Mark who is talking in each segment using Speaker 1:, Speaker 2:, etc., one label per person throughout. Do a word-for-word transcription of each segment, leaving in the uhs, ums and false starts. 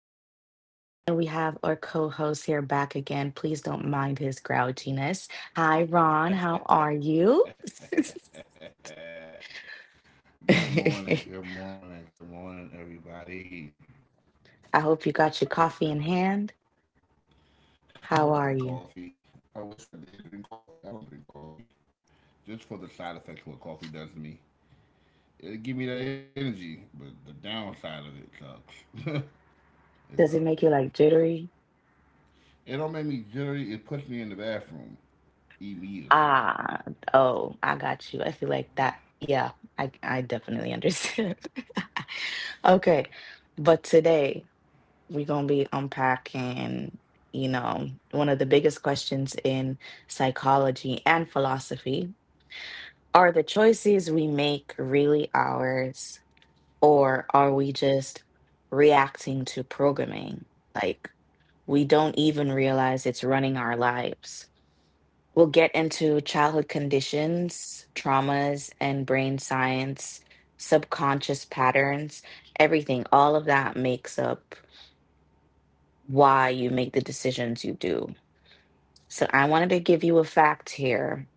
Speaker 1: early, and we have our co host here back again. Please don't mind his grouchiness. Hi, Ron. How are you?
Speaker 2: Good morning,
Speaker 1: I
Speaker 2: good morning, good morning, everybody.
Speaker 1: hope you
Speaker 2: How's
Speaker 1: got your
Speaker 2: everybody doing?
Speaker 1: coffee in hand.
Speaker 2: I don't
Speaker 1: How
Speaker 2: drink
Speaker 1: are you?
Speaker 2: coffee. I wish I did drink coffee. I don't drink coffee just for the side effects what coffee does to me. It give me that energy, but the downside of it sucks. It sucks.
Speaker 1: Does it make you like jittery?
Speaker 2: It don't make me jittery. It puts me in the bathroom immediately.
Speaker 1: Ah, oh, I got you. I feel like that. Yeah, I, I definitely understand. Okay, but today, we're going to be unpacking, you know, one of the biggest questions in psychology and philosophy. Are the choices we make really ours, or are we just reacting to programming? Like, we don't even realize it's running our lives. We'll get into childhood conditions, traumas, and brain science, subconscious patterns, everything. All of that makes up why you make the decisions you do. So I wanted to give you a fact here.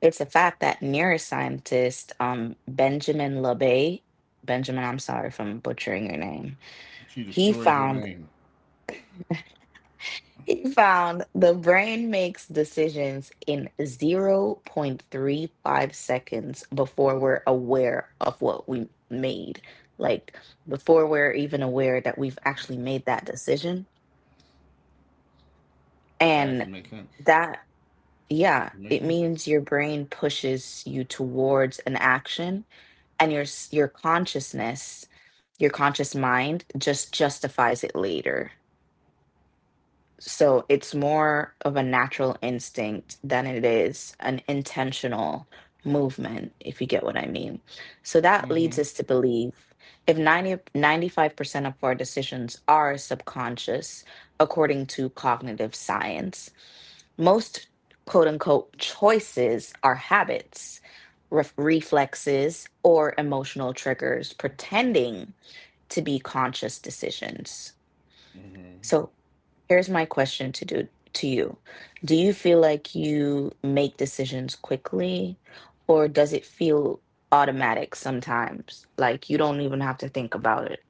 Speaker 1: It's a fact that neuroscientist um, Benjamin LeBay. Benjamin, I'm sorry if I'm butchering your name.
Speaker 2: She
Speaker 1: He
Speaker 2: destroys your
Speaker 1: found
Speaker 2: name.
Speaker 1: he found the brain makes decisions in zero point three five seconds before we're aware of what we made. Like before we're even aware that we've actually made that decision.
Speaker 2: That
Speaker 1: And
Speaker 2: has to make sense.
Speaker 1: that, yeah,
Speaker 2: It
Speaker 1: it
Speaker 2: makes sense.
Speaker 1: means your brain pushes you towards an action, and your s- your consciousness, your conscious mind just justifies it later. So it's more of a natural instinct than it is an intentional movement, if you get what I mean. So that
Speaker 2: Mm-hmm.
Speaker 1: leads us to believe if ninety ninety five percent of our decisions are subconscious, according to cognitive science, most quote unquote choices are habits, ref reflexes, or emotional triggers pretending to be conscious decisions.
Speaker 2: Mm-hmm.
Speaker 1: So here's my question to do to you. Do you feel like you make decisions quickly, or does it feel automatic sometimes? Like you don't even have to think about it.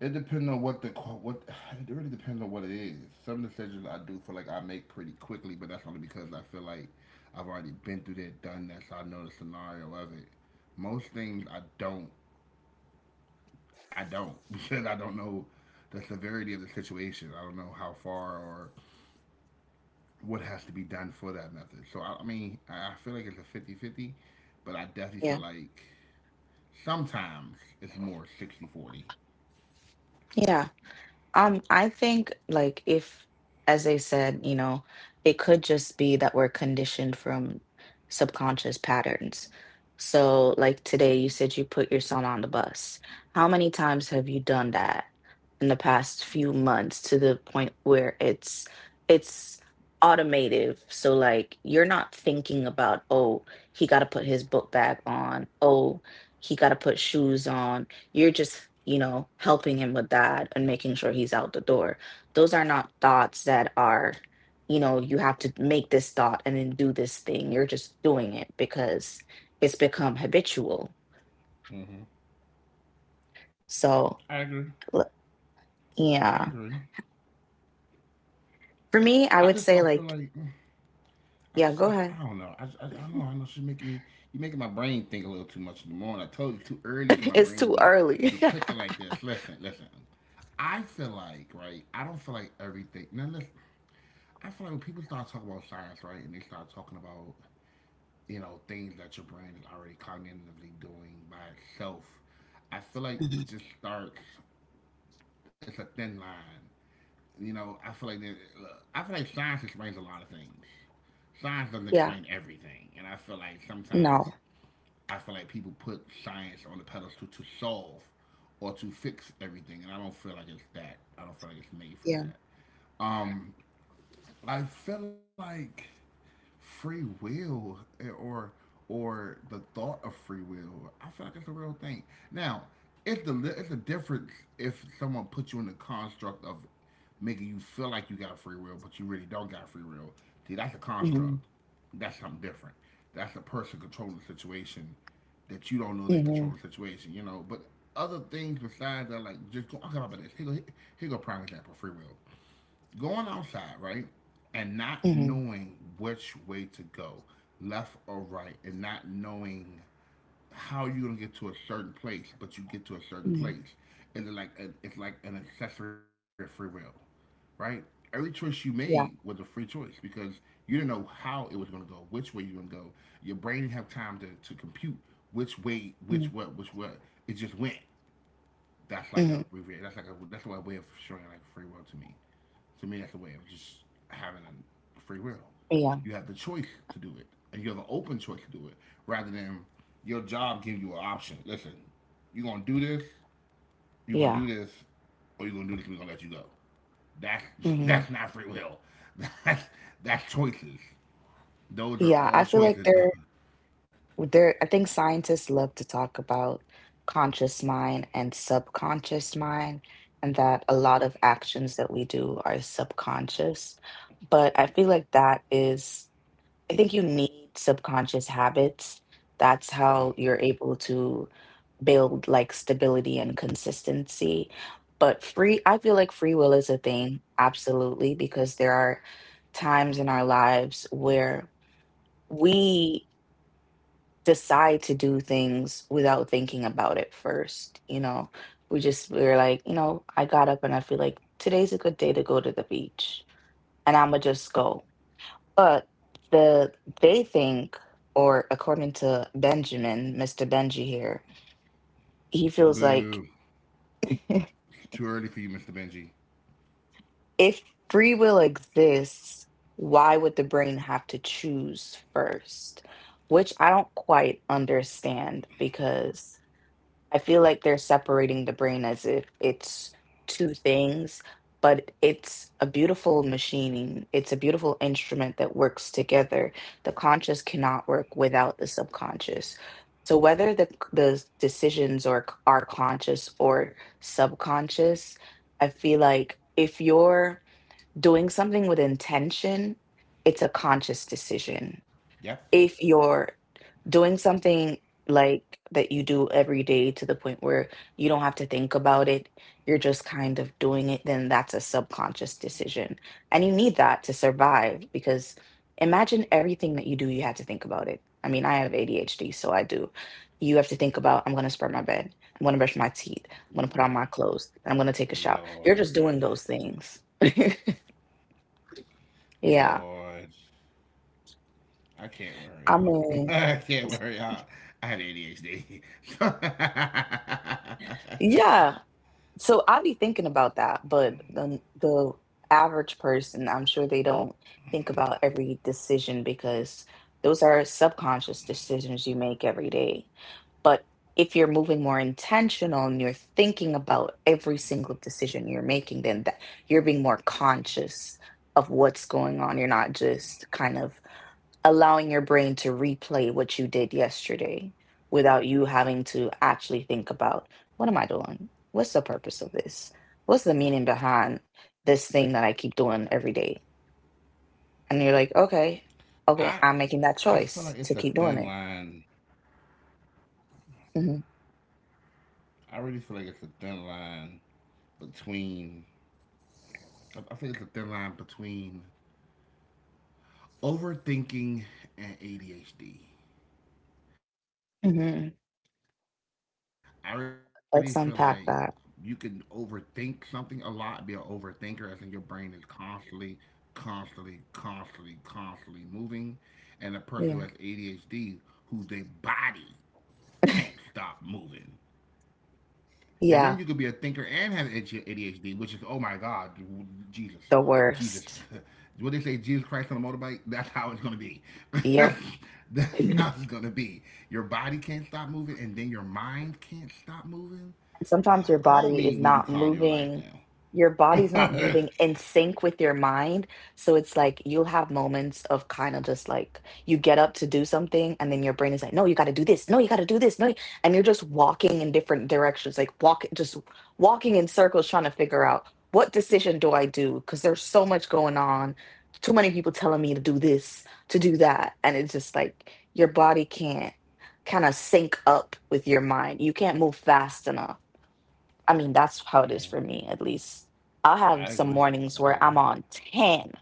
Speaker 2: It depends on what the what. It really depends on what it is. Some decisions I do feel like I make pretty quickly, but that's only because I feel like I've already been through that, done that, so I know the scenario of it. Most things I don't. I don't because I don't know the severity of the situation. I don't know how far or what has to be done for that method. So I, I mean, I I feel like it's a fifty-fifty, but I definitely
Speaker 1: Yeah.
Speaker 2: feel like sometimes it's more sixty forty.
Speaker 1: Yeah. Um, I think like if, as they said, you know, it could just be that we're conditioned from subconscious patterns. So, like today, you said you put your son on the bus. How many times have you done that in the past few months to the point where it's it's automative? So, like you're not thinking about, oh, he got to put his book bag on. Oh, he got to put shoes on. You're just, you know, helping him with that and making sure he's out the door. Those are not thoughts that are, you know, you have to make this thought and then do this thing. You're just doing it because it's become habitual.
Speaker 2: hmm
Speaker 1: So,
Speaker 2: I agree.
Speaker 1: l-
Speaker 2: I
Speaker 1: yeah.
Speaker 2: agree.
Speaker 1: For me,
Speaker 2: I
Speaker 1: I would
Speaker 2: just
Speaker 1: say,
Speaker 2: don't feel
Speaker 1: like,
Speaker 2: like I
Speaker 1: yeah,
Speaker 2: just,
Speaker 1: go
Speaker 2: I
Speaker 1: ahead.
Speaker 2: don't know. I, I, I don't know. I know she's making me. You're making my brain think a little too much in the morning. I told you too early for my
Speaker 1: It's
Speaker 2: brain to
Speaker 1: too
Speaker 2: be
Speaker 1: early.
Speaker 2: be clicking like this. Listen, listen. I feel like right. I don't feel like everything. Now listen. I feel like when people start talking about science, right, and they start talking about you know things that your brain is already cognitively doing by itself, I feel like
Speaker 1: Mhm.
Speaker 2: it just starts. It's a thin line you know, I feel like there, look, I feel like science explains a lot of things. Science doesn't
Speaker 1: Yeah.
Speaker 2: explain everything, and I feel like sometimes
Speaker 1: No.
Speaker 2: I feel like people put science on the pedestal to solve or to fix everything, and I don't feel like it's that. I don't feel like it's made for
Speaker 1: Yeah.
Speaker 2: that. Um, I feel like free will eh, or or the thought of free will. I feel like it's a real thing. Now, it's the it's a difference if someone puts you in the construct of making you feel like you got free will, but you really don't got free will. See, that's a construct.
Speaker 1: Hmm.
Speaker 2: That's something different. That's a person controlling the situation that you don't know they
Speaker 1: Hmm.
Speaker 2: control the situation, you know. But other things besides that, like just go, I'll come up this. Here go, here go prime example, free will going outside, right, and not
Speaker 1: Hmm.
Speaker 2: knowing which way to go, left or right, and not knowing how you're gonna get to a certain place, but you get to a certain
Speaker 1: Hmm.
Speaker 2: place, and it's like a, it's like an accessory of free will, right? Every choice you made was a
Speaker 1: Yeah.
Speaker 2: free choice because you didn't know how it was gonna go, which way you're gonna go. Your brain didn't have time to, to compute which way,
Speaker 1: Hmm.
Speaker 2: which what, which what. It just went that's like
Speaker 1: Hmm.
Speaker 2: a That's like a that's a way of showing like free will to me. To me, that's a way of just having a free will.
Speaker 1: Yeah.
Speaker 2: You have the choice to do it, and you have an open choice to do it, rather than your job giving you an option. Listen, you are gonna do this, you are gonna
Speaker 1: Yeah.
Speaker 2: do this, or you are gonna do this, and we gonna let you go. That's
Speaker 1: Hmm.
Speaker 2: that's not free will. That's that's choices. Those are
Speaker 1: Yeah. I
Speaker 2: all
Speaker 1: feel like
Speaker 2: choices.
Speaker 1: there. there I think scientists love to talk about conscious mind and subconscious mind, and that a lot of actions that we do are subconscious, but I feel like that is, I think you need subconscious habits. That's
Speaker 2: Mm.
Speaker 1: how you're able to build like stability and consistency. But free I feel like free will is a thing, absolutely, because there are times in our lives where we decide to do things without thinking about it first. You know, we just, we were like, you know, I got up and I feel like today's a good day to go to the beach, and I'ma just go. But the they think, or according to Benjamin, mister Benji here, he feels like,
Speaker 2: Boo! It's too early for you, Mister Benji.
Speaker 1: if free will exists, why would the brain have to choose first? Which I don't quite understand because I feel like they're separating the brain as if it's two things, but it's a beautiful machining. It's a beautiful instrument that works together. The conscious cannot work without the subconscious. So whether the the decisions are are conscious or subconscious, I feel like if you're doing something with intention, it's a conscious decision.
Speaker 2: Yep.
Speaker 1: If you're doing something like that you do every day to the point where you don't have to think about it, you're just kind of doing it, then that's a subconscious decision. And you need that to survive because imagine everything that you do, you had to think about it. I mean, I have A D H D, so I do. You have to think about, I'm going to spread my bed. I'm going to brush my teeth. I'm going to put on my
Speaker 2: Lord,
Speaker 1: clothes. And I'm going to take a shower. You're just doing
Speaker 2: Lord.
Speaker 1: those things. Yeah.
Speaker 2: Lord, I can't wear
Speaker 1: I mean,
Speaker 2: y'all. I can't wear y'all. I have A D H D.
Speaker 1: yeah. So I be thinking about that, but the the average person, I'm sure they don't think about every decision because those are subconscious decisions you make every day. But if you're moving more intentional and you're thinking about every single decision you're making, then that, you're being more conscious of what's going on. You're not just kind of allowing your brain to replay what you did yesterday without you having to actually think about, what am I doing? What's the purpose of this? What's the meaning behind this thing that I keep doing every day? And you're like,
Speaker 2: I
Speaker 1: okay,
Speaker 2: I
Speaker 1: okay,
Speaker 2: feel
Speaker 1: I'm
Speaker 2: like
Speaker 1: making
Speaker 2: it's a
Speaker 1: that
Speaker 2: thin
Speaker 1: choice to keep
Speaker 2: line.
Speaker 1: doing it. Hmm.
Speaker 2: I really feel like it's a thin line between. I I think it's a thin line between overthinking and A D H D. I already feel
Speaker 1: Hmm.
Speaker 2: like you can overthink something a
Speaker 1: Let's
Speaker 2: lot, be an
Speaker 1: unpack that.
Speaker 2: overthinker, as in your brain is constantly, constantly, constantly, constantly moving. And a person who has A D H D, who their
Speaker 1: Yeah.
Speaker 2: body can't stop moving. And then you could be a thinker and have A D H D,
Speaker 1: Yeah.
Speaker 2: which is oh my God, Jesus, Jesus. What they say,
Speaker 1: The
Speaker 2: Jesus Christ on a
Speaker 1: worst.
Speaker 2: motorbike. That's how it's gonna be. That's how it's gonna
Speaker 1: Yep.
Speaker 2: be. Your body can't stop moving, and then your mind can't stop moving. Uh, Call me when
Speaker 1: And
Speaker 2: you calm
Speaker 1: sometimes
Speaker 2: your
Speaker 1: your
Speaker 2: life
Speaker 1: body
Speaker 2: down.
Speaker 1: is not moving, your body's not moving in sync with your mind. So it's like you'll have moments of kind of just like you get up to do something and then your brain is like, no, you got to do this. No, you got to do this. No, you-" and you're just walking in different directions, like walk, just walking in circles trying to figure out, what decision do I do? Because there's so much going on. Too many people telling me to do this, to do that. And it's just like your body can't kind of sync up with your mind. You can't move fast enough. I mean, that's how it is for me, at least. I'll
Speaker 2: I
Speaker 1: have
Speaker 2: agree.
Speaker 1: some
Speaker 2: I
Speaker 1: mornings
Speaker 2: agree.
Speaker 1: where I'm on ten.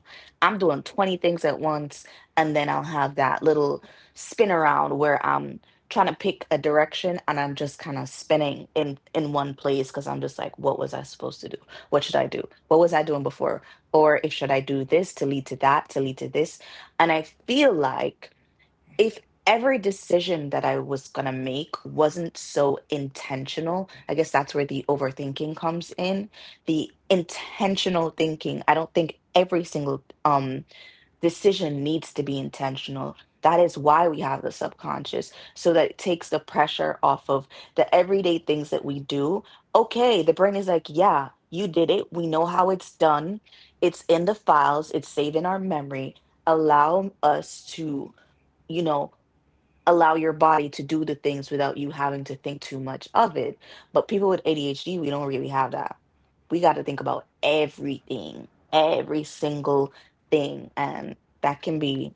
Speaker 1: I'm doing twenty things at once. And then I'll have that little spin around where I'm trying to pick a direction and I'm just kind of spinning in, in one place because I'm just like, what was I supposed to do? What should I do? What was I doing before? Or if should I do this to lead to that, to lead to this? And I feel like if every decision that I was going to make wasn't so intentional, I guess that's where the overthinking comes in. The intentional thinking. I don't think every single um decision needs to be intentional. That is why we have the subconscious, so that it takes the pressure off of the everyday things that we do. Okay, the brain is like, yeah, you did it. We know how it's done. It's in the files, it's saved in our memory. Allow us to, you know, allow your body to do the things without you having to think too much of it. But people with A D H D, we don't really have that. We got to think about everything, every single thing. And that can be,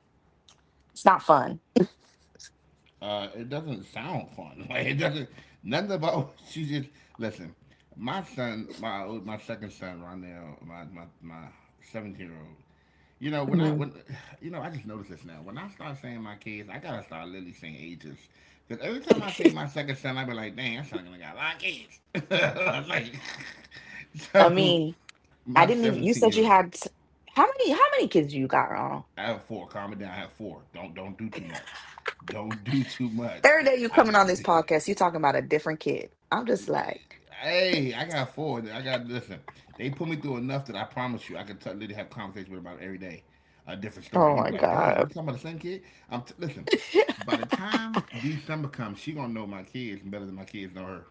Speaker 1: it's not fun.
Speaker 2: uh, It doesn't sound fun. Like it doesn't nothing about what she just listen. My son, my my second son, Rondell, my my my seventeen year old. You know when I
Speaker 1: Hmm.
Speaker 2: when you know I just noticed this now. When I start saying my kids, I gotta start literally saying ages. Cause every time I say my second son, I be like, dang, that son gonna got a lot of kids. I was like,
Speaker 1: I
Speaker 2: so
Speaker 1: mean,
Speaker 2: my
Speaker 1: I didn't even, you
Speaker 2: 17
Speaker 1: said
Speaker 2: year
Speaker 1: you
Speaker 2: old.
Speaker 1: had, how many, how many kids you got, Ronald?
Speaker 2: I have four, calm it down. I have four. Don't don't do too much, don't do too much.
Speaker 1: Every day you
Speaker 2: I've
Speaker 1: coming on this podcast, you talking about a different kid. I'm just like,
Speaker 2: Hey, I got four. I got Listen. They put me through enough that I promise you, I could tell literally have conversations with them about it every day, a different story.
Speaker 1: oh
Speaker 2: You
Speaker 1: my
Speaker 2: be like, "Dang, you
Speaker 1: God.
Speaker 2: talking about the same kid?" I'm t- listen. By the time December comes, she gonna know my kids better than my kids know her.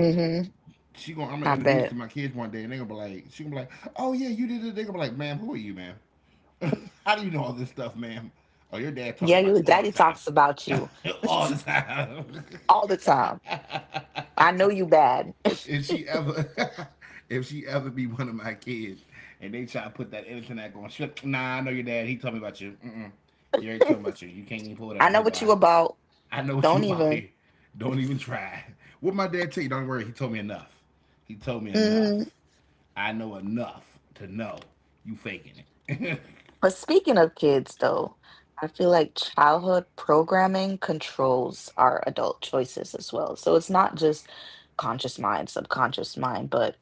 Speaker 1: Hmm.
Speaker 2: She gonna I'm gonna
Speaker 1: I
Speaker 2: introduce to
Speaker 1: bet.
Speaker 2: my kids one day, and they gonna be like, she gonna be like, "Oh yeah, you did it." They gonna be like, "Ma'am, who are you, ma'am? How do you know all this stuff, ma'am? Oh, your dad talked
Speaker 1: Yeah, your
Speaker 2: about you all the
Speaker 1: daddy
Speaker 2: time,
Speaker 1: talks about you
Speaker 2: all the time."
Speaker 1: all the time. I know you bad.
Speaker 2: if she ever if she ever be one of my kids and they try to put that innocent act on, she like, nah, I know your dad. He told me about you. Mm-mm. He already told me about you. You can't even pull that
Speaker 1: I
Speaker 2: on
Speaker 1: know
Speaker 2: me,
Speaker 1: what
Speaker 2: boy.
Speaker 1: you about.
Speaker 2: I know what you
Speaker 1: Don't
Speaker 2: about
Speaker 1: even.
Speaker 2: here. Don't even try. What my dad tell you? Don't worry. He told me enough. He told me
Speaker 1: Mm-hmm.
Speaker 2: enough. I know enough to know you faking it.
Speaker 1: But speaking of kids, though, I feel like childhood programming controls our adult choices as well. So it's not just conscious mind, subconscious mind, but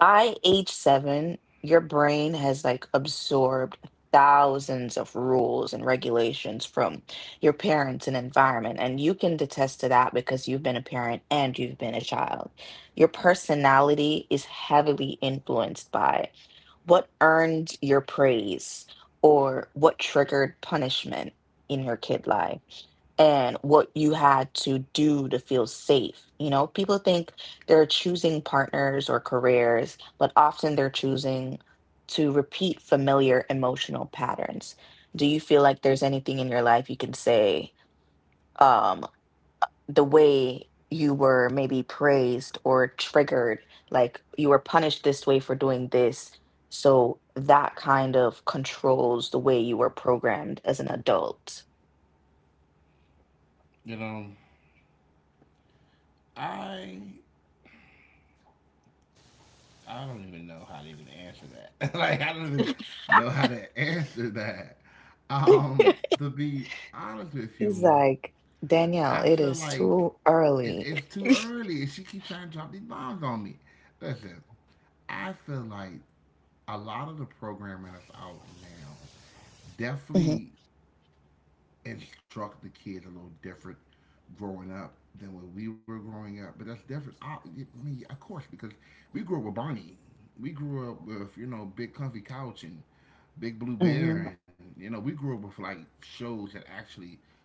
Speaker 1: by age seven, your brain has like absorbed thousands of rules and regulations from your parents and environment. And you can attest to that because you've been a parent and you've been a child. Your personality is heavily influenced by what earned your praise or what triggered punishment in your kid life and what you had to do to feel safe. You know, people think they're choosing partners or careers, but often they're choosing to repeat familiar emotional patterns. Do you feel like there's anything in your life you can say, um, the way you were maybe praised or triggered, like you were punished this way for doing this? So that kind of controls the way you were programmed as an adult.
Speaker 2: you know, I I don't even know how to even answer that. Like I don't even know how to answer that. Um, to be honest with
Speaker 1: He's
Speaker 2: you,
Speaker 1: like, Danielle,
Speaker 2: I
Speaker 1: it
Speaker 2: feel
Speaker 1: is
Speaker 2: like
Speaker 1: too
Speaker 2: it,
Speaker 1: early.
Speaker 2: it's too early. And she keeps trying to drop these bombs on me. Listen, I feel like a lot of the programming that's out now
Speaker 1: Hmm.
Speaker 2: definitely instruct the kids a little different growing up than when we were growing up. But that's different. I, I mean, yeah, of course, because we grew up with Barney. We grew up with you know big comfy couch and big blue
Speaker 1: Hmm.
Speaker 2: bear, and you know we grew up with like shows that actually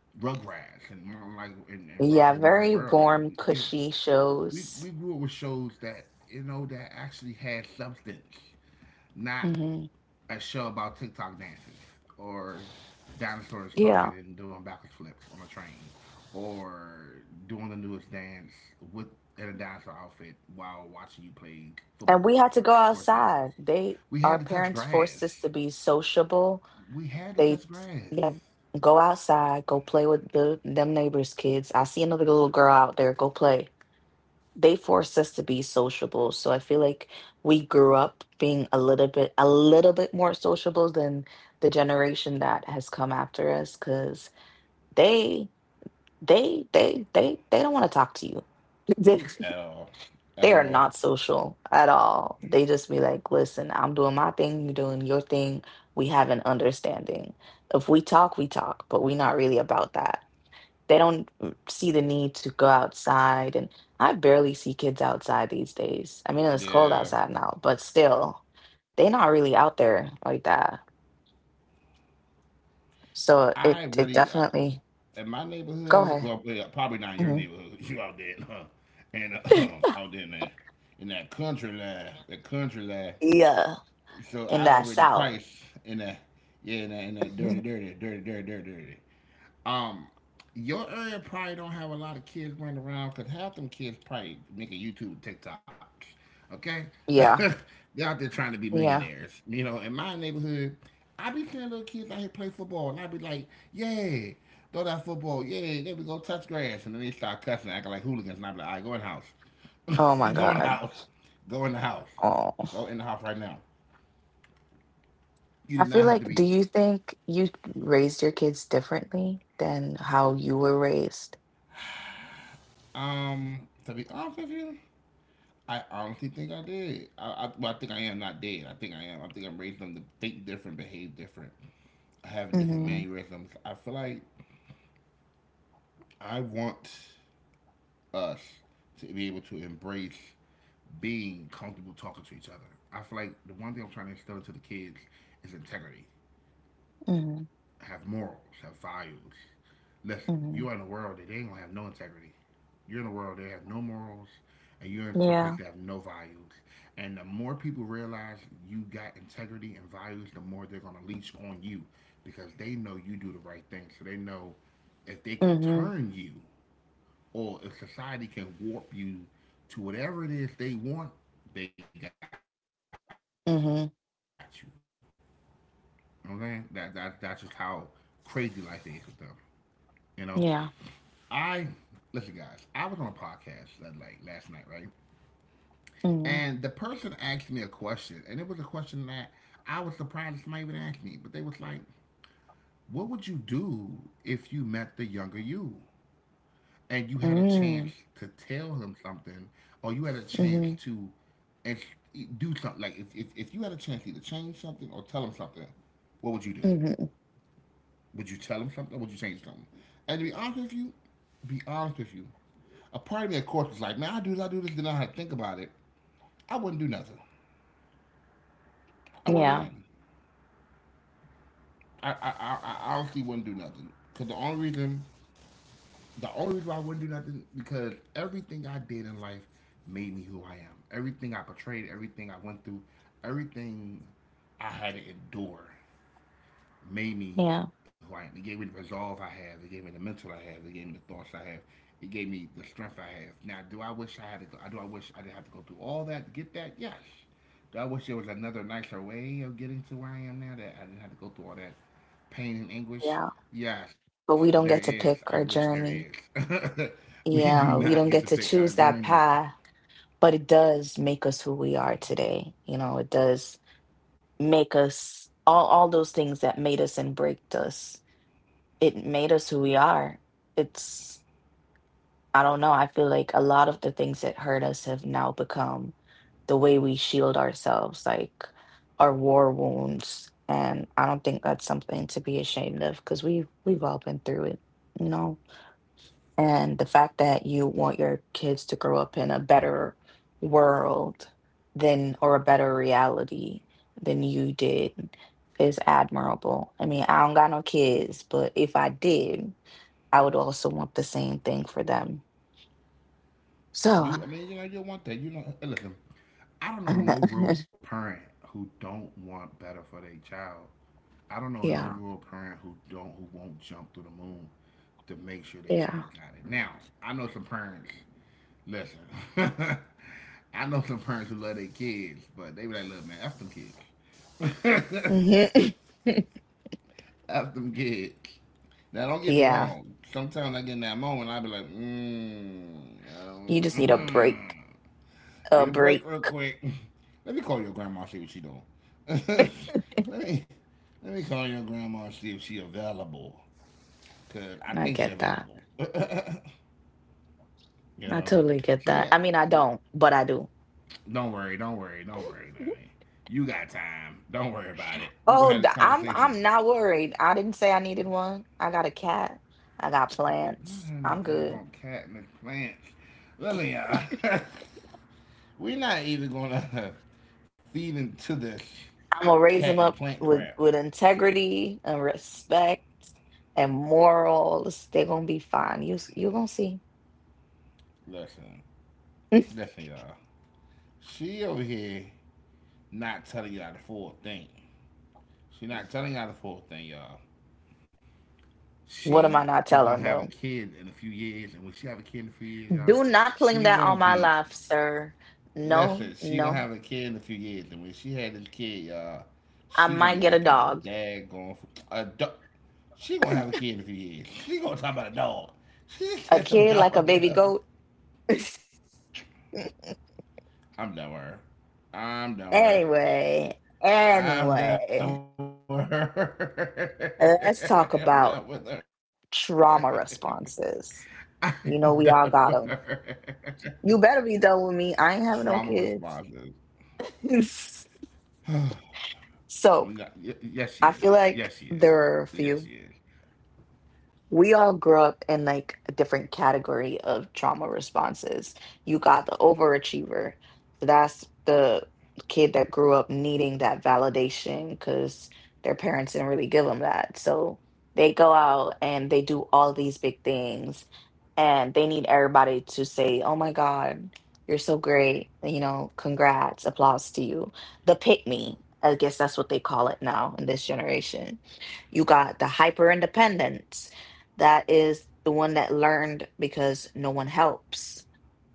Speaker 2: Rugrats and like and, and
Speaker 1: Yeah,
Speaker 2: Rocco My
Speaker 1: very
Speaker 2: World. Like
Speaker 1: warm,
Speaker 2: we- you know,
Speaker 1: cushy
Speaker 2: we we
Speaker 1: shows.
Speaker 2: grew up with shows that you know that actually had substance, not
Speaker 1: Hmm.
Speaker 2: a show about TikTok dances or dinosaurs talking
Speaker 1: Yeah.
Speaker 2: and doing backwards flips on a train or doing the newest dance with in a dinosaur outfit while watching you play
Speaker 1: And we
Speaker 2: football
Speaker 1: had to
Speaker 2: or
Speaker 1: go
Speaker 2: sports games.
Speaker 1: outside. They,
Speaker 2: We
Speaker 1: our
Speaker 2: had to touch
Speaker 1: parents
Speaker 2: grass.
Speaker 1: forced us to be sociable.
Speaker 2: We had to
Speaker 1: They,
Speaker 2: touch grass.
Speaker 1: yeah, go outside, go play with the them neighbors' kids. I see another little girl out there, go play. They force us to be sociable. So I feel like we grew up being a little bit a little bit more sociable than the generation that has come after us because they they they they they don't want to talk to you.
Speaker 2: At all. At
Speaker 1: They are
Speaker 2: all.
Speaker 1: not social at all. They just be like, listen, I'm doing my thing, you're doing your thing. We have an understanding. If we talk, we talk, but we're not really about that. They don't mm, see the need to go outside. And I barely see kids outside these days. I mean, it's cold
Speaker 2: Yeah.
Speaker 1: outside now, but still, they're not really out there like that. So
Speaker 2: I
Speaker 1: it, it
Speaker 2: really, I,
Speaker 1: definitely.
Speaker 2: in my
Speaker 1: Go
Speaker 2: neighborhood,
Speaker 1: ahead.
Speaker 2: well, yeah, probably not in your
Speaker 1: Mhm.
Speaker 2: neighborhood. You out there, huh? and uh, um, out there in, the, in that country life, that country life.
Speaker 1: Yeah.
Speaker 2: So
Speaker 1: In
Speaker 2: I don't
Speaker 1: that
Speaker 2: really
Speaker 1: South.
Speaker 2: price in that, yeah, in that, in that dirty dirty dirty dirty dirty dirty. Um, your area probably don't have a lot of kids running around because half them kids probably making YouTube and TikToks. Okay,
Speaker 1: Yeah.
Speaker 2: they're out there trying to be
Speaker 1: Yeah.
Speaker 2: millionaires. You know, in my neighborhood, I be seeing little kids out here play football, and I be like, yeah, throw that football, yeah, there we go, touch grass, and then they start cussing, acting like hooligans, and I be like, all right, go in the house,
Speaker 1: Oh my
Speaker 2: go in the
Speaker 1: God.
Speaker 2: house, go in the house, go
Speaker 1: Oh.
Speaker 2: in the house right now. You
Speaker 1: I
Speaker 2: did
Speaker 1: feel
Speaker 2: not have to
Speaker 1: like, do
Speaker 2: be.
Speaker 1: you think you raised your kids differently than how you were raised?
Speaker 2: Um, to be honest with you, I honestly think I did. I, I, well, I think I am not dead. I think I am. I think I'm raising them to think different, behave different, have different
Speaker 1: Mm-hmm.
Speaker 2: mannerisms. I feel like I want us to be able to embrace being comfortable talking to each other. I feel like the one thing I'm trying to instill into the kids is integrity.
Speaker 1: Mm-hmm.
Speaker 2: Have morals, have values. Listen,
Speaker 1: Mm-hmm.
Speaker 2: you are in a world that they ain't gonna have no integrity. You're in a world that have no morals, and you're in some place
Speaker 1: Yeah.
Speaker 2: that have no values. And the more people realize you got integrity and values, the more they're gonna leech on you because they know you do the right thing. So they know if they can
Speaker 1: Mm-hmm.
Speaker 2: turn you or if society can warp you to whatever it is they want, they got you. You know what I'm
Speaker 1: Mm-hmm.
Speaker 2: saying? That, that that's just how crazy life is with them. You know? I listen,
Speaker 1: Yeah.
Speaker 2: guys. I was on a podcast that, like last night, right? And the person asked me a
Speaker 1: Mm-hmm.
Speaker 2: question, and it was a question that I was surprised that somebody even asked me. But they was like, "What would you do if you met the younger you, and you had a chance to
Speaker 1: Mm-hmm.
Speaker 2: tell him something, or you had a chance to
Speaker 1: Mm-hmm.
Speaker 2: and do something? Like if if, if you had a chance to either change something or tell him something, what would you do?
Speaker 1: Mm-hmm.
Speaker 2: Would you tell him something or would you change something?" And to be honest with you, be honest with you, a part of me, of course, was like, man, I do this, I do this, then I had to think about it. I wouldn't do nothing. I wouldn't do
Speaker 1: Yeah.
Speaker 2: nothing. I, I, I, I honestly wouldn't do nothing. Because the only reason, the only reason why I wouldn't do nothing, because everything I did in life made me who I am. Everything I portrayed, everything I went through, everything I had to endure made me
Speaker 1: Yeah.
Speaker 2: who I am. It gave me the resolve I have. It gave me the mental I have. It gave me the thoughts I have. It gave me the strength I have. Now, do I wish I had to go? Do I wish I didn't have to go through all that to get that? Yes. Do I wish there was another nicer way of getting to where I am now that I didn't have to go through all that pain and anguish?
Speaker 1: Yeah.
Speaker 2: Yes, there
Speaker 1: But we don't
Speaker 2: is.
Speaker 1: get to
Speaker 2: I wish
Speaker 1: pick
Speaker 2: there
Speaker 1: our
Speaker 2: is.
Speaker 1: journey.
Speaker 2: We do not
Speaker 1: Yeah.
Speaker 2: get
Speaker 1: We
Speaker 2: to
Speaker 1: don't
Speaker 2: pick
Speaker 1: get to
Speaker 2: our
Speaker 1: choose
Speaker 2: journey.
Speaker 1: that path. But it does make us who we are today. You know, it does make us all all those things that made us and breaked us. It made us who we are. It's I don't know. I feel like a lot of the things that hurt us have now become the way we shield ourselves, like our war wounds. And I don't think that's something to be ashamed of because we've we've all been through it, you know? And the fact that you want your kids to grow up in a better world than or a better reality than you did is admirable. I mean, I don't got no kids, but if I did, I would also want the same thing for them. So.
Speaker 2: You, I mean, you know, you want that. You know, listen. I don't know no real parent who don't want better for their child. I don't know no
Speaker 1: Yeah,
Speaker 2: real parent who don't who won't jump through the moon to make sure their
Speaker 1: yeah.
Speaker 2: child got it. Now, I know some parents. Listen, I know some parents who love their kids, but they be like, "Look, man, that's them kids.
Speaker 1: Mhm.
Speaker 2: That's them kids." Now, don't get me
Speaker 1: Yeah.
Speaker 2: wrong. Sometimes I get in that moment, I be like, "Mmm."
Speaker 1: You just need a
Speaker 2: Um,
Speaker 1: break, a
Speaker 2: Need a break
Speaker 1: break.
Speaker 2: real quick. Let me call your grandma see what she doing. Let me let me call your grandma see if she available. Cause I
Speaker 1: I
Speaker 2: think she
Speaker 1: get that.
Speaker 2: available. You
Speaker 1: I
Speaker 2: know.
Speaker 1: totally get
Speaker 2: So let
Speaker 1: that.
Speaker 2: me.
Speaker 1: I mean, I don't, but I do.
Speaker 2: Don't worry. Don't worry. Don't worry, Nanny. You got time. Don't worry about it. We gonna
Speaker 1: Oh,
Speaker 2: have
Speaker 1: d-
Speaker 2: this
Speaker 1: I'm
Speaker 2: conversation.
Speaker 1: I'm not worried. I didn't say I needed one. I got a cat. I got
Speaker 2: I'm not
Speaker 1: plants.
Speaker 2: having
Speaker 1: I'm
Speaker 2: this
Speaker 1: good.
Speaker 2: daggone cat and the plants. Listen, y'all. We're not even gonna feed into this
Speaker 1: I'm gonna
Speaker 2: cat
Speaker 1: raise them
Speaker 2: and
Speaker 1: up
Speaker 2: plant crap.
Speaker 1: with with integrity and respect and morals. They're gonna be fine. You s- you gonna see.
Speaker 2: Listen. Listen, y'all. She over here not telling y'all the full thing. She not telling y'all the full thing, y'all.
Speaker 1: What
Speaker 2: She
Speaker 1: am I
Speaker 2: is
Speaker 1: not
Speaker 2: gonna
Speaker 1: telling
Speaker 2: have a
Speaker 1: though?
Speaker 2: kid in a few years, and when she have a kid in a few years, y'all,
Speaker 1: Do not
Speaker 2: she
Speaker 1: claim that
Speaker 2: gonna
Speaker 1: on my
Speaker 2: be
Speaker 1: life, sir.
Speaker 2: listen.
Speaker 1: No,
Speaker 2: She gonna have
Speaker 1: no.
Speaker 2: a kid in a few years, and when she had this kid, y'all,
Speaker 1: I
Speaker 2: she gonna
Speaker 1: might
Speaker 2: be
Speaker 1: get a
Speaker 2: acting a
Speaker 1: dog.
Speaker 2: daggone f- a dog. She gonna have a kid in a few years. She gonna talk about a dog. She
Speaker 1: A
Speaker 2: said some
Speaker 1: kid like a
Speaker 2: dog.
Speaker 1: baby
Speaker 2: Yo.
Speaker 1: goat.
Speaker 2: I'm done with her. I'm done with her.
Speaker 1: Anyway,
Speaker 2: I'm done with
Speaker 1: anyway,
Speaker 2: her. I'm done with
Speaker 1: let's talk
Speaker 2: her.
Speaker 1: about trauma
Speaker 2: I'm done with
Speaker 1: responses.
Speaker 2: her.
Speaker 1: You know, we all got them.
Speaker 2: Trauma
Speaker 1: You better be done
Speaker 2: responses.
Speaker 1: with me. I ain't having no kids.
Speaker 2: No, y- yes, she is.
Speaker 1: So
Speaker 2: Yes, she is. Uh,
Speaker 1: I feel
Speaker 2: yes, she is.
Speaker 1: like there are a few. We all grew up in like a different category of trauma responses. You got the overachiever. So that's the kid that grew up needing that validation because their parents didn't really give them that. So they go out and they do all these big things and they need everybody to say, "Oh my God, you're so great. You know, congrats, applause to you." The pick me. I guess that's what they call it now in this generation. You got the hyper independent. That is the one that learned because no one helps.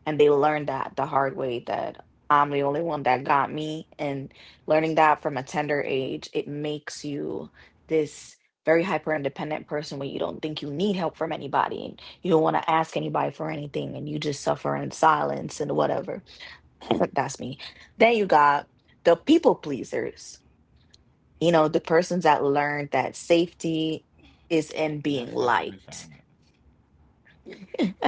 Speaker 1: And they learned that the hard way that I'm the only one that got me. And learning that from a tender age, it makes you this very hyper independent person where you don't think you need help from anybody and you don't want to ask anybody for anything and you just suffer in silence and whatever. That's me. Then you got the people pleasers, you know, the persons that learned that
Speaker 2: Not
Speaker 1: safety
Speaker 2: suffering
Speaker 1: is
Speaker 2: assignment.
Speaker 1: in being liked.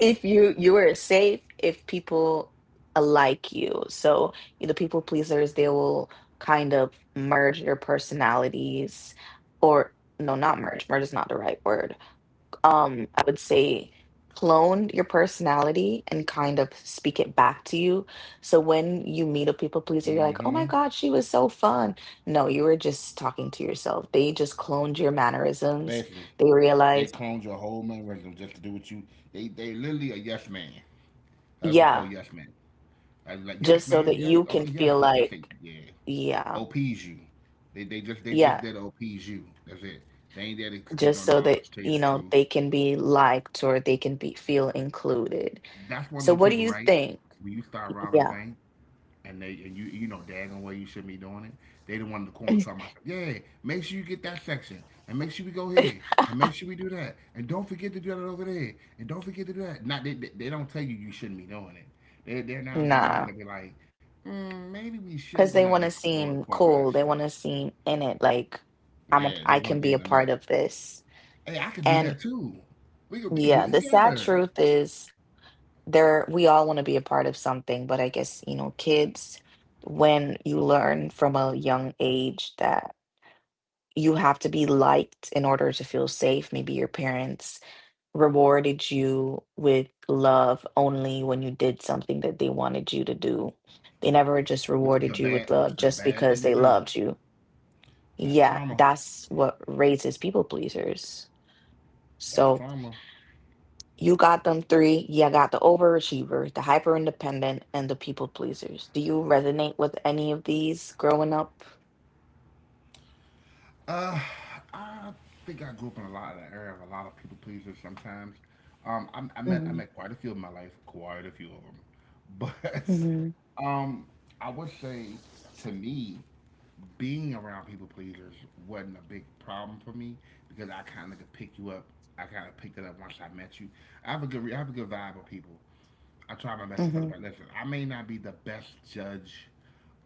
Speaker 1: If you you are safe if people like you. So the people pleasers, they will kind of merge their personalities. Or no, not merge, merge is not the right word. Um i would say clone your personality and kind of speak it back to you. So when you meet a people pleaser, you're
Speaker 2: Mm-hmm.
Speaker 1: like, oh my God, she was so fun. No, you were just talking to yourself. They just cloned your
Speaker 2: Basically,
Speaker 1: mannerisms. They
Speaker 2: they
Speaker 1: realized,
Speaker 2: cloned your whole mannerism just to do what you. They they literally a yes man. That's what you call
Speaker 1: yeah,
Speaker 2: yes man. I was like yes,
Speaker 1: just so
Speaker 2: ma'am.
Speaker 1: that
Speaker 2: Yes,
Speaker 1: you
Speaker 2: okay,
Speaker 1: can
Speaker 2: yes.
Speaker 1: feel
Speaker 2: They say
Speaker 1: like,
Speaker 2: yeah.
Speaker 1: yeah,
Speaker 2: OPs you. They they just they just
Speaker 1: yeah,
Speaker 2: did OPs you. That's it. They ain't there to speak no
Speaker 1: just so
Speaker 2: knowledge.
Speaker 1: that,
Speaker 2: Tell you the
Speaker 1: you know,
Speaker 2: truth.
Speaker 1: they can be liked or they can be feel included.
Speaker 2: That's one of
Speaker 1: So
Speaker 2: them
Speaker 1: what do
Speaker 2: people,
Speaker 1: you
Speaker 2: right?
Speaker 1: think?
Speaker 2: When you start robbing a
Speaker 1: Yeah.
Speaker 2: bank and they and you you know daggone way you shouldn't be doing it. They the one in the corner talking about, yeah, make sure you get that section and make sure we go here and make sure we do that and don't forget to do that over there and don't forget to do that. Not they, they, they don't tell you you shouldn't be doing it. They they're not the ones
Speaker 1: Nah,
Speaker 2: that be like, mm, maybe we shouldn't
Speaker 1: because
Speaker 2: go
Speaker 1: they
Speaker 2: down
Speaker 1: want
Speaker 2: this
Speaker 1: to
Speaker 2: road of
Speaker 1: seem
Speaker 2: course of
Speaker 1: cool. They
Speaker 2: action.
Speaker 1: want to seem in it like I'm a,
Speaker 2: Yeah,
Speaker 1: I
Speaker 2: they want
Speaker 1: can
Speaker 2: to
Speaker 1: be
Speaker 2: be
Speaker 1: a
Speaker 2: in the
Speaker 1: part
Speaker 2: know.
Speaker 1: of this.
Speaker 2: Hey, I could do
Speaker 1: And
Speaker 2: that too. We could we could do
Speaker 1: yeah,
Speaker 2: this
Speaker 1: the sad
Speaker 2: together,
Speaker 1: truth is there we all want to be a part of something, but I guess, you know, kids, when you learn from a young age that you have to be liked in order to feel safe. Maybe your parents rewarded you with love only when you did something that they wanted you to do. They never just
Speaker 2: which is a
Speaker 1: rewarded you
Speaker 2: bad
Speaker 1: with
Speaker 2: which is
Speaker 1: love
Speaker 2: a
Speaker 1: just
Speaker 2: bad thing
Speaker 1: because
Speaker 2: to
Speaker 1: they
Speaker 2: do.
Speaker 1: loved you.
Speaker 2: That's
Speaker 1: Yeah,
Speaker 2: trauma.
Speaker 1: that's what raises people pleasers.
Speaker 2: That's
Speaker 1: So
Speaker 2: trauma.
Speaker 1: you got them three. Yeah, got the overachiever, the hyper independent, and the people pleasers. Do you resonate with any of these growing up?
Speaker 2: Uh, I think I grew up in a lot of that era of a lot of people pleasers. Sometimes, um, I, I met I
Speaker 1: Mm-hmm.
Speaker 2: met quite a few in my life, quite a few of them, but
Speaker 1: Mm-hmm.
Speaker 2: um, I would say to me, being around people pleasers wasn't a big problem for me because I kind of could pick you up. I kind of picked it up once I met you. I have a good re- I have a good vibe with people. I try my best to tell
Speaker 1: Mm-hmm.
Speaker 2: about. Listen, I may not be the best judge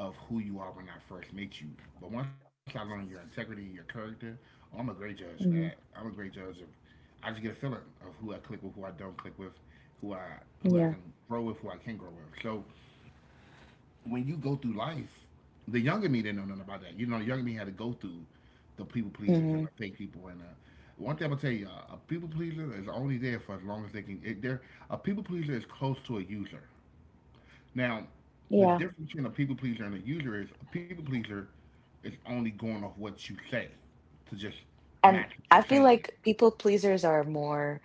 Speaker 2: of who you are when I first meet you. But once I learn your integrity, your character, oh, I'm a great judge of that.
Speaker 1: Hmm.
Speaker 2: I'm a great judge of. I just get a feeling of who I click with, who I don't click with, who I who I can
Speaker 1: Yeah.
Speaker 2: grow with, who I can grow with. So when you go through life, the younger me didn't know nothing about that. You know, the younger me had to go through the people pleasers and
Speaker 1: Mm-hmm.
Speaker 2: the fake people. And uh, one thing I'm gonna tell you, uh, a people pleaser is only there for as long as they can. It, they're, a people pleaser is close to a user. Now, the
Speaker 1: Yeah.
Speaker 2: difference between a people pleaser and a user is a people pleaser is only going off what you say to just
Speaker 1: And
Speaker 2: match what
Speaker 1: I
Speaker 2: you're
Speaker 1: feel
Speaker 2: saying.
Speaker 1: like people pleasers are more,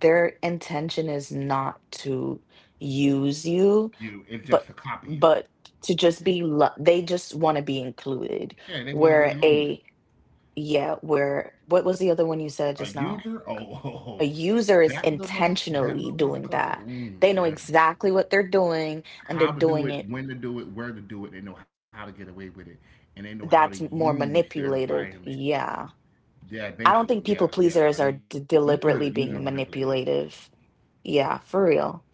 Speaker 1: their intention is not to use you,
Speaker 2: You it's just
Speaker 1: but
Speaker 2: to copy you.
Speaker 1: but to just be lo- they just want to be included.
Speaker 2: Yeah, they want to be in
Speaker 1: Where
Speaker 2: the moment.
Speaker 1: a Yeah, where what was the other one you said
Speaker 2: A
Speaker 1: just now?
Speaker 2: user, oh, oh,
Speaker 1: A
Speaker 2: oh.
Speaker 1: user is
Speaker 2: That little mother, that
Speaker 1: intentionally
Speaker 2: little mother
Speaker 1: doing
Speaker 2: clucker.
Speaker 1: that.
Speaker 2: Mm,
Speaker 1: They know
Speaker 2: yeah,
Speaker 1: exactly what they're doing and they're
Speaker 2: how to do
Speaker 1: doing
Speaker 2: it,
Speaker 1: it.
Speaker 2: when to do it, where to do it. They know how to get away with it, and they know how to
Speaker 1: That's
Speaker 2: use
Speaker 1: more
Speaker 2: their environment.
Speaker 1: manipulative. Yeah,
Speaker 2: Yeah, basically,
Speaker 1: I don't
Speaker 2: yeah,
Speaker 1: think people
Speaker 2: yeah. A
Speaker 1: pleasers
Speaker 2: user is
Speaker 1: are
Speaker 2: a
Speaker 1: d-
Speaker 2: user manipulator.
Speaker 1: deliberately being manipulative. Yeah, for real.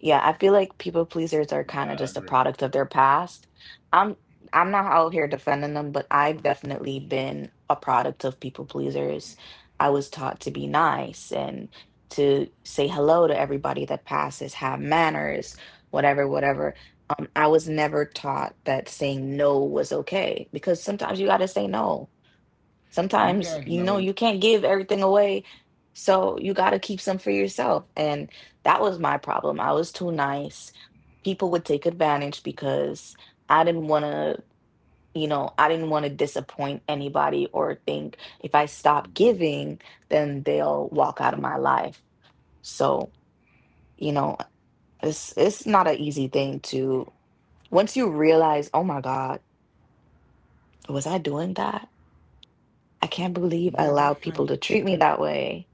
Speaker 1: Yeah, I feel like people
Speaker 2: Yeah,
Speaker 1: pleasers
Speaker 2: I
Speaker 1: are
Speaker 2: agree.
Speaker 1: kind of just a product of their past. I'm I'm not out here defending them, but I've definitely been a product of people pleasers. I was taught to be nice and to say hello to everybody that passes, have manners, whatever, whatever. Um, I was never taught that saying no was okay because sometimes you got to say no.
Speaker 2: Do you guys
Speaker 1: Sometimes, you
Speaker 2: know?
Speaker 1: know, you can't give everything away. So you got to keep some for yourself. And that was my problem. I was too nice. People would take advantage because I didn't want to, you know, I didn't want to disappoint anybody or think if I stop
Speaker 2: Mm-hmm.
Speaker 1: giving, then they'll walk out of my life. So, you know, it's it's not an easy thing to once you realize, "Oh my God, was I doing that? I can't
Speaker 2: Yeah, but
Speaker 1: believe
Speaker 2: it's
Speaker 1: I
Speaker 2: like
Speaker 1: allowed people to treat me that way."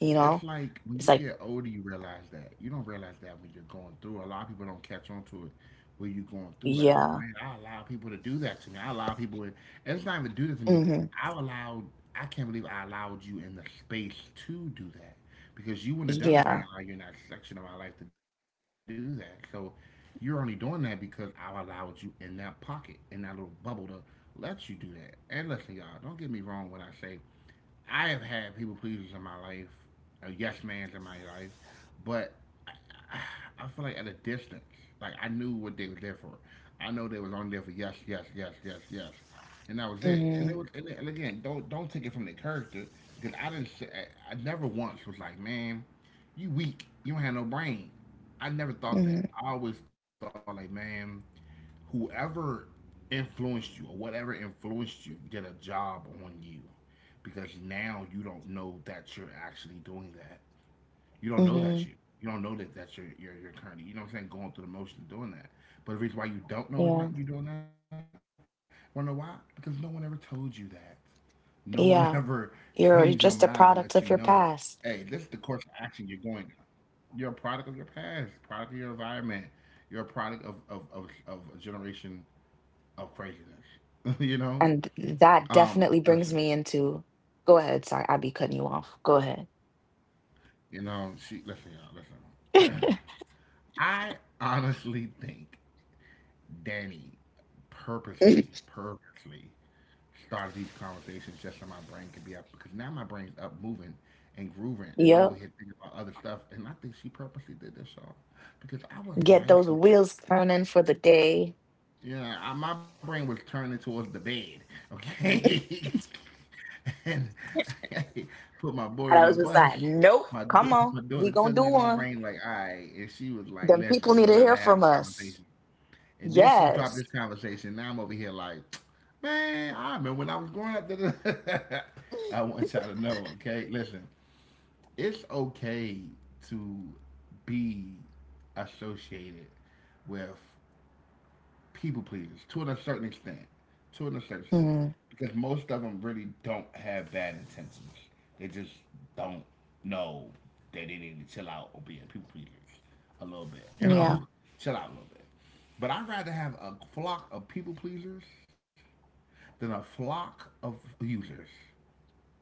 Speaker 1: You know?
Speaker 2: like when you
Speaker 1: It's
Speaker 2: get
Speaker 1: like,
Speaker 2: older, you realize that. You don't realize that when you're going through. A lot of people don't catch on to it when you're going through. Like, oh
Speaker 1: yeah.
Speaker 2: man, I allow people to do that to me. I allow people. And it's not even do that to me.
Speaker 1: Hmm.
Speaker 2: I allowed. I can't believe I allowed you in the space to do that because you wouldn't have done it if I
Speaker 1: Yeah.
Speaker 2: allowed you in that section of my life to do that. So you're only doing that because I allowed you in that pocket, in that little bubble to let you do that. And listen, y'all, don't get me wrong when I say I have had people pleasers in my life, or yes mans in my life, but I, I feel like at a distance. Like I knew what they was there for. I know they was on there for yes, yes, yes, yes, yes, and that was it. And
Speaker 1: Hmm.
Speaker 2: it was, and, and again, don't don't take it from the character because I didn't. Say, I I never once was like, man, you weak. You don't have no brain. I never thought that.
Speaker 1: Hmm.
Speaker 2: I always thought like, man, whoever influenced you or whatever influenced you did a job on you because now you don't know that you're actually doing that. You don't know that you.
Speaker 1: Hmm.
Speaker 2: You don't know that that's your your your currently. You know what I'm saying? Going through the motion of doing that. But the reason why you don't know is
Speaker 1: Yeah,
Speaker 2: not you doing that. Wanna know why? Because no one ever told you that. No one ever
Speaker 1: yeah.
Speaker 2: trained your
Speaker 1: You're
Speaker 2: mind to
Speaker 1: just a
Speaker 2: let you
Speaker 1: product
Speaker 2: know,
Speaker 1: of your
Speaker 2: hey,
Speaker 1: past,
Speaker 2: this is the course of action you're going. You're a product of your past, product of your environment. You're a product of of of, of a generation of craziness. You know?
Speaker 1: and th- that
Speaker 2: Um,
Speaker 1: definitely brings
Speaker 2: listen,
Speaker 1: me into. Go ahead. Sorry, I be cutting you off. Go ahead.
Speaker 2: you know, she listen, y'all, listen. I honestly think Danny purposely, purposely started these conversations just so my brain could be up because now my brain's up moving and grooving and I'm
Speaker 1: Yep.
Speaker 2: over here thinking about other stuff, and I think she purposely did this, y'all, because I was
Speaker 1: Get
Speaker 2: nice.
Speaker 1: those wheels turning for the day.
Speaker 2: Yeah, I, my brain was turning towards the bed. Okay, and I put my boy in the
Speaker 1: And I was just
Speaker 2: bus.
Speaker 1: like,
Speaker 2: My
Speaker 1: nope,
Speaker 2: d-
Speaker 1: come
Speaker 2: my
Speaker 1: on.
Speaker 2: daughter
Speaker 1: We
Speaker 2: telling that
Speaker 1: gonna do
Speaker 2: my brain
Speaker 1: one.
Speaker 2: like, all right, and she was like,
Speaker 1: Them
Speaker 2: listen, we
Speaker 1: people need
Speaker 2: about to
Speaker 1: to
Speaker 2: have
Speaker 1: hear
Speaker 2: a
Speaker 1: from
Speaker 2: conversation.
Speaker 1: us.
Speaker 2: And then she dropped
Speaker 1: Yes.
Speaker 2: this conversation. Now I'm over here like, man, I remember when I was growing up. I want y'all to know, okay? Listen, it's okay to be associated with people pleasers to a certain extent, to a certain extent,
Speaker 1: Hmm.
Speaker 2: because most of them really don't have bad intentions. They just don't know that they need to chill out or be a people pleasers a little bit, you
Speaker 1: Yeah.
Speaker 2: know, chill out a little bit. But I'd rather have a flock of people pleasers than a flock of users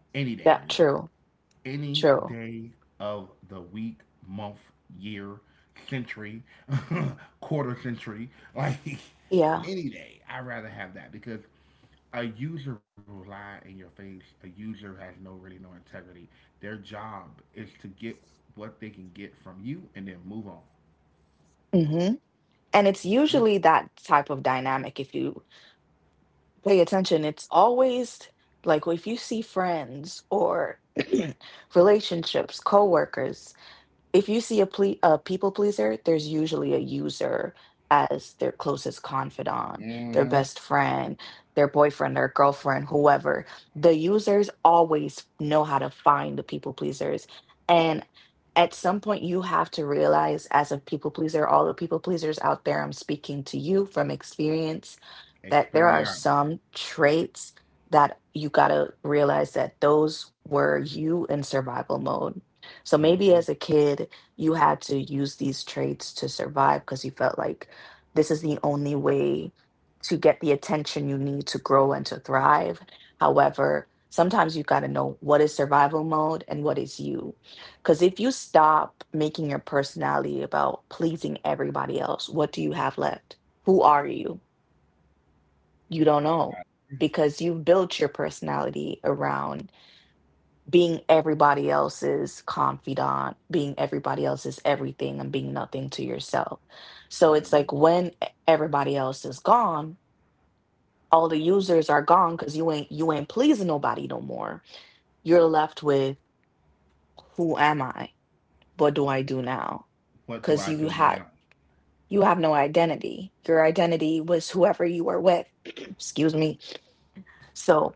Speaker 2: any day of the
Speaker 1: That
Speaker 2: week,
Speaker 1: true.
Speaker 2: any
Speaker 1: True.
Speaker 2: day of the week, month, year, century, quarter century, like
Speaker 1: Yeah.
Speaker 2: any day. I'd rather have that because a user will lie in your face. A user has no really no integrity. Their job is to get what they can get from you and then move on.
Speaker 1: And it's usually that type of dynamic. If you pay attention, it's always like if you see friends or relationships, coworkers, if you see a, ple- a people pleaser, there's usually a user as their closest confidant, their
Speaker 2: Mm-hmm.
Speaker 1: best friend, their boyfriend, their girlfriend, whoever. The users always know how to find the people pleasers. And at some point, you have to realize, as a people pleaser, all the people pleasers out there, I'm speaking to you from experience that there are
Speaker 2: Experience.
Speaker 1: some traits that you got to realize that those were you in survival mode. So maybe
Speaker 2: Mm-hmm.
Speaker 1: as a kid, you had to use these traits to survive because you felt like this is the only way to get the attention you need to grow and to thrive. However, sometimes you got to know what is survival mode and what is you. Because if you stop making your personality about pleasing everybody else, what do you have left? Who are you? You don't know because you've built your personality around being everybody else's confidant, being everybody else's everything, and being nothing to yourself. So
Speaker 2: I I
Speaker 1: it's
Speaker 2: agree.
Speaker 1: like when everybody else is gone, all the users are gone because you ain't you ain't pleasing nobody no more. You're left with who am I? What do I do now?
Speaker 2: What do
Speaker 1: Because
Speaker 2: I
Speaker 1: you
Speaker 2: do
Speaker 1: had
Speaker 2: now?
Speaker 1: you have no identity. Your identity was whoever you were with. Excuse me. So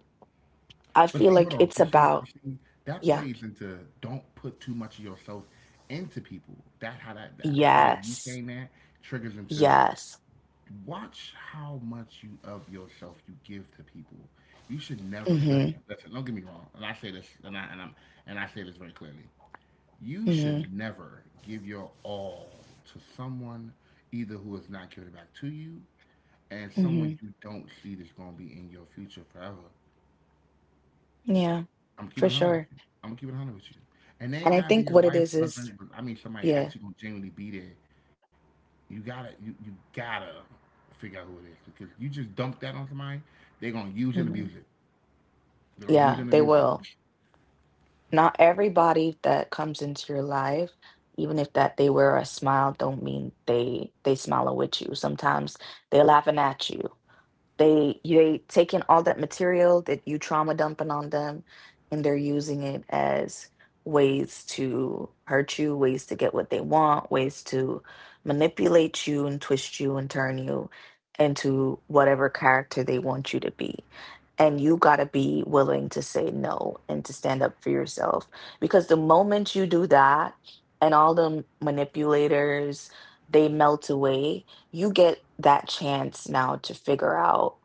Speaker 1: I
Speaker 2: But
Speaker 1: feel
Speaker 2: see, hold
Speaker 1: like
Speaker 2: on.
Speaker 1: it's
Speaker 2: You see, you
Speaker 1: about.
Speaker 2: see, that
Speaker 1: Yeah.
Speaker 2: plays into don't put too much of yourself into people. That how that, that I feel like you
Speaker 1: Yes.
Speaker 2: saying that triggers into
Speaker 1: Yes.
Speaker 2: watch how much you of yourself you give to people. You should never listen.
Speaker 1: Hmm.
Speaker 2: Listen, don't get me wrong. And I say this, and I and I'm and I say this very clearly. You
Speaker 1: Hmm.
Speaker 2: should never give your all to someone either who is not giving it back to you and
Speaker 1: Hmm.
Speaker 2: someone you don't see that's going to be in your future forever.
Speaker 1: Yeah,
Speaker 2: I'm
Speaker 1: for
Speaker 2: keeping it one hundred with
Speaker 1: sure.
Speaker 2: you. I'm gonna keep it one hundred with you. And they ain't
Speaker 1: And I
Speaker 2: gotta be
Speaker 1: think
Speaker 2: your
Speaker 1: what it
Speaker 2: wife,
Speaker 1: is is,
Speaker 2: husband, but I mean somebody
Speaker 1: yeah.
Speaker 2: actually gonna genuinely be there. You gotta, you, you gotta figure out who it is because you just dump that on somebody, they gonna use and
Speaker 1: Hmm.
Speaker 2: abuse it. They gonna use
Speaker 1: Yeah,
Speaker 2: and
Speaker 1: they
Speaker 2: abuse it.
Speaker 1: will. Not everybody that comes into your life, even if that they wear a smile, don't mean they they smiling with you. Sometimes they're laughing at you. They they taking all that material that you trauma dumping on them, and they're using it as ways to hurt you, ways to get what they want, ways to manipulate you and twist you and turn you into whatever character they want you to be. And you got to be willing to say no and to stand up for yourself. Because the moment you do that, and all the manipulators, they melt away. You get that chance now to figure out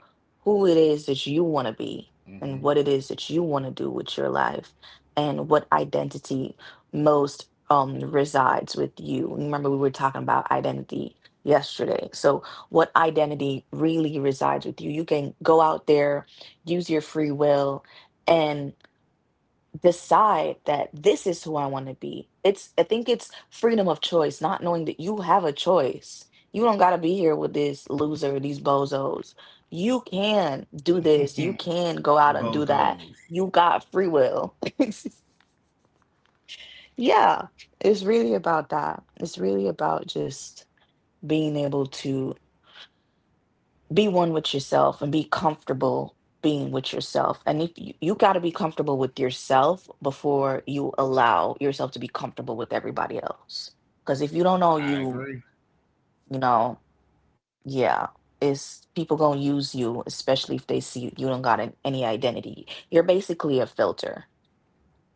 Speaker 1: who it is that you want to be and what it is that you want to do with your life and what identity most um resides with you. Remember we were talking about identity yesterday. So what identity really resides with you. You can go out there, use your free will and decide that this is who I want to be. It's I think it's freedom of choice, not knowing that you have a choice. You don't gotta be here with this loser, these bozos. You can do
Speaker 2: Mm-hmm.
Speaker 1: this. You can go out and do
Speaker 2: Bozos.
Speaker 1: that. You got free will. Yeah, it's really about that. It's really about just being able to be one with yourself and be comfortable being with yourself. And if you, you got to be comfortable with yourself before you allow yourself to be comfortable with everybody else. Because if you don't know
Speaker 2: I
Speaker 1: you,
Speaker 2: agree.
Speaker 1: you know, yeah, it's people gonna use you, especially if they see you don't got an, any identity. You're basically a filter.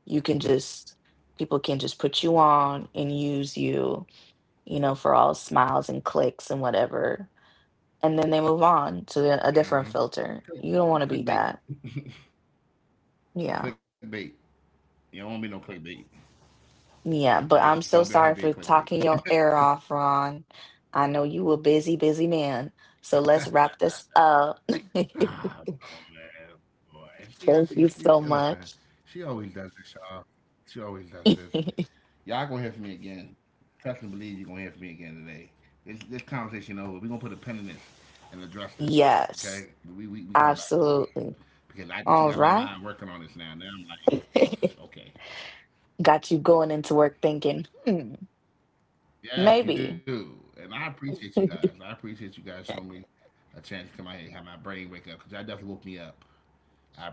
Speaker 1: You can just People can just put you on and use you, you know, for all smiles and clicks and whatever and then they move on to the- a
Speaker 2: Mm-hmm.
Speaker 1: different filter.
Speaker 2: Click,
Speaker 1: You don't want to be
Speaker 2: clickbait.
Speaker 1: that.
Speaker 2: You
Speaker 1: Yeah.
Speaker 2: clickbait. You don't want to be no clickbait.
Speaker 1: Yeah, but
Speaker 2: Okay.
Speaker 1: I'm so
Speaker 2: Don't be out here
Speaker 1: sorry
Speaker 2: being
Speaker 1: for
Speaker 2: clickbait.
Speaker 1: talking your ear off, Ron. I know you a busy, busy man. So let's wrap this up.
Speaker 2: Ah, do man. Boy, and she, and she,
Speaker 1: Thank you
Speaker 2: she, yeah,
Speaker 1: so
Speaker 2: listen,
Speaker 1: much.
Speaker 2: she always does this, y'all. She always does this. Y'all gonna hear from me again. Trust and believe you're gonna hear from me again today. This, this conversation over. We're gonna put a pin in this and address this,
Speaker 1: Yes,
Speaker 2: okay? We, we, we coming back to this.
Speaker 1: absolutely.
Speaker 2: Because I,
Speaker 1: All
Speaker 2: she got my
Speaker 1: right.
Speaker 2: mind working on this now. Now I'm like, okay.
Speaker 1: Got you going into work thinking, hmm,
Speaker 2: Yes,
Speaker 1: maybe.
Speaker 2: you do. And I appreciate you guys. I appreciate you guys showing me a chance to come out here and have my brain wake up because that definitely woke me up.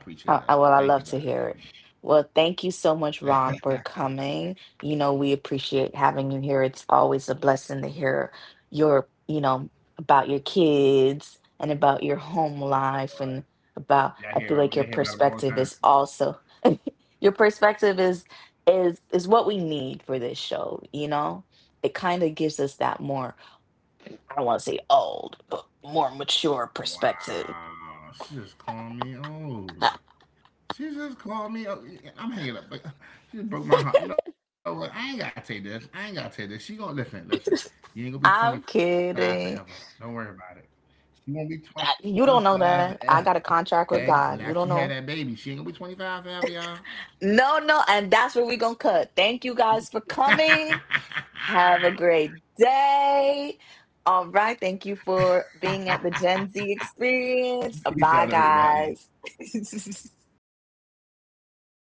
Speaker 2: I
Speaker 1: I, I-
Speaker 2: appreciate
Speaker 1: Well,
Speaker 2: that.
Speaker 1: I love to
Speaker 2: Thank you
Speaker 1: hear
Speaker 2: guys.
Speaker 1: it. Well, thank you so much, Ron, for coming. You know, we appreciate having you here. It's always a blessing to hear your, you know, about your kids and about your home life and about, I feel like
Speaker 2: Y'all
Speaker 1: your
Speaker 2: hear, about- y'all hear about
Speaker 1: perspective
Speaker 2: him
Speaker 1: is
Speaker 2: all the time.
Speaker 1: also. Your perspective is, is, is what we need for this show, you know? It kind of gives us that more, I don't want to say old, but more mature perspective.
Speaker 2: Wow. She just called me old. She just called me. o- I'm hanging up. But she just broke my heart. You know what? I ain't gotta take this. I ain't gotta take this. She gonna listen. Listen. You ain't gonna be
Speaker 1: I'm
Speaker 2: twenty-five forever.
Speaker 1: kidding.
Speaker 2: Don't worry about it. She gonna be
Speaker 1: I-
Speaker 2: twenty-five
Speaker 1: You don't
Speaker 2: forever.
Speaker 1: know that. I got a
Speaker 2: Okay. And after she
Speaker 1: contract with
Speaker 2: had that
Speaker 1: God.
Speaker 2: baby,
Speaker 1: You don't
Speaker 2: she ain't gonna be
Speaker 1: know.
Speaker 2: twenty-five forever, y'all.
Speaker 1: No, no. And that's where we're going to cut. Thank you guys for coming. Have a great day. All right. Thank you for being at the Gen Z
Speaker 2: Peace out,
Speaker 1: experience.
Speaker 2: everybody.
Speaker 1: Bye, guys.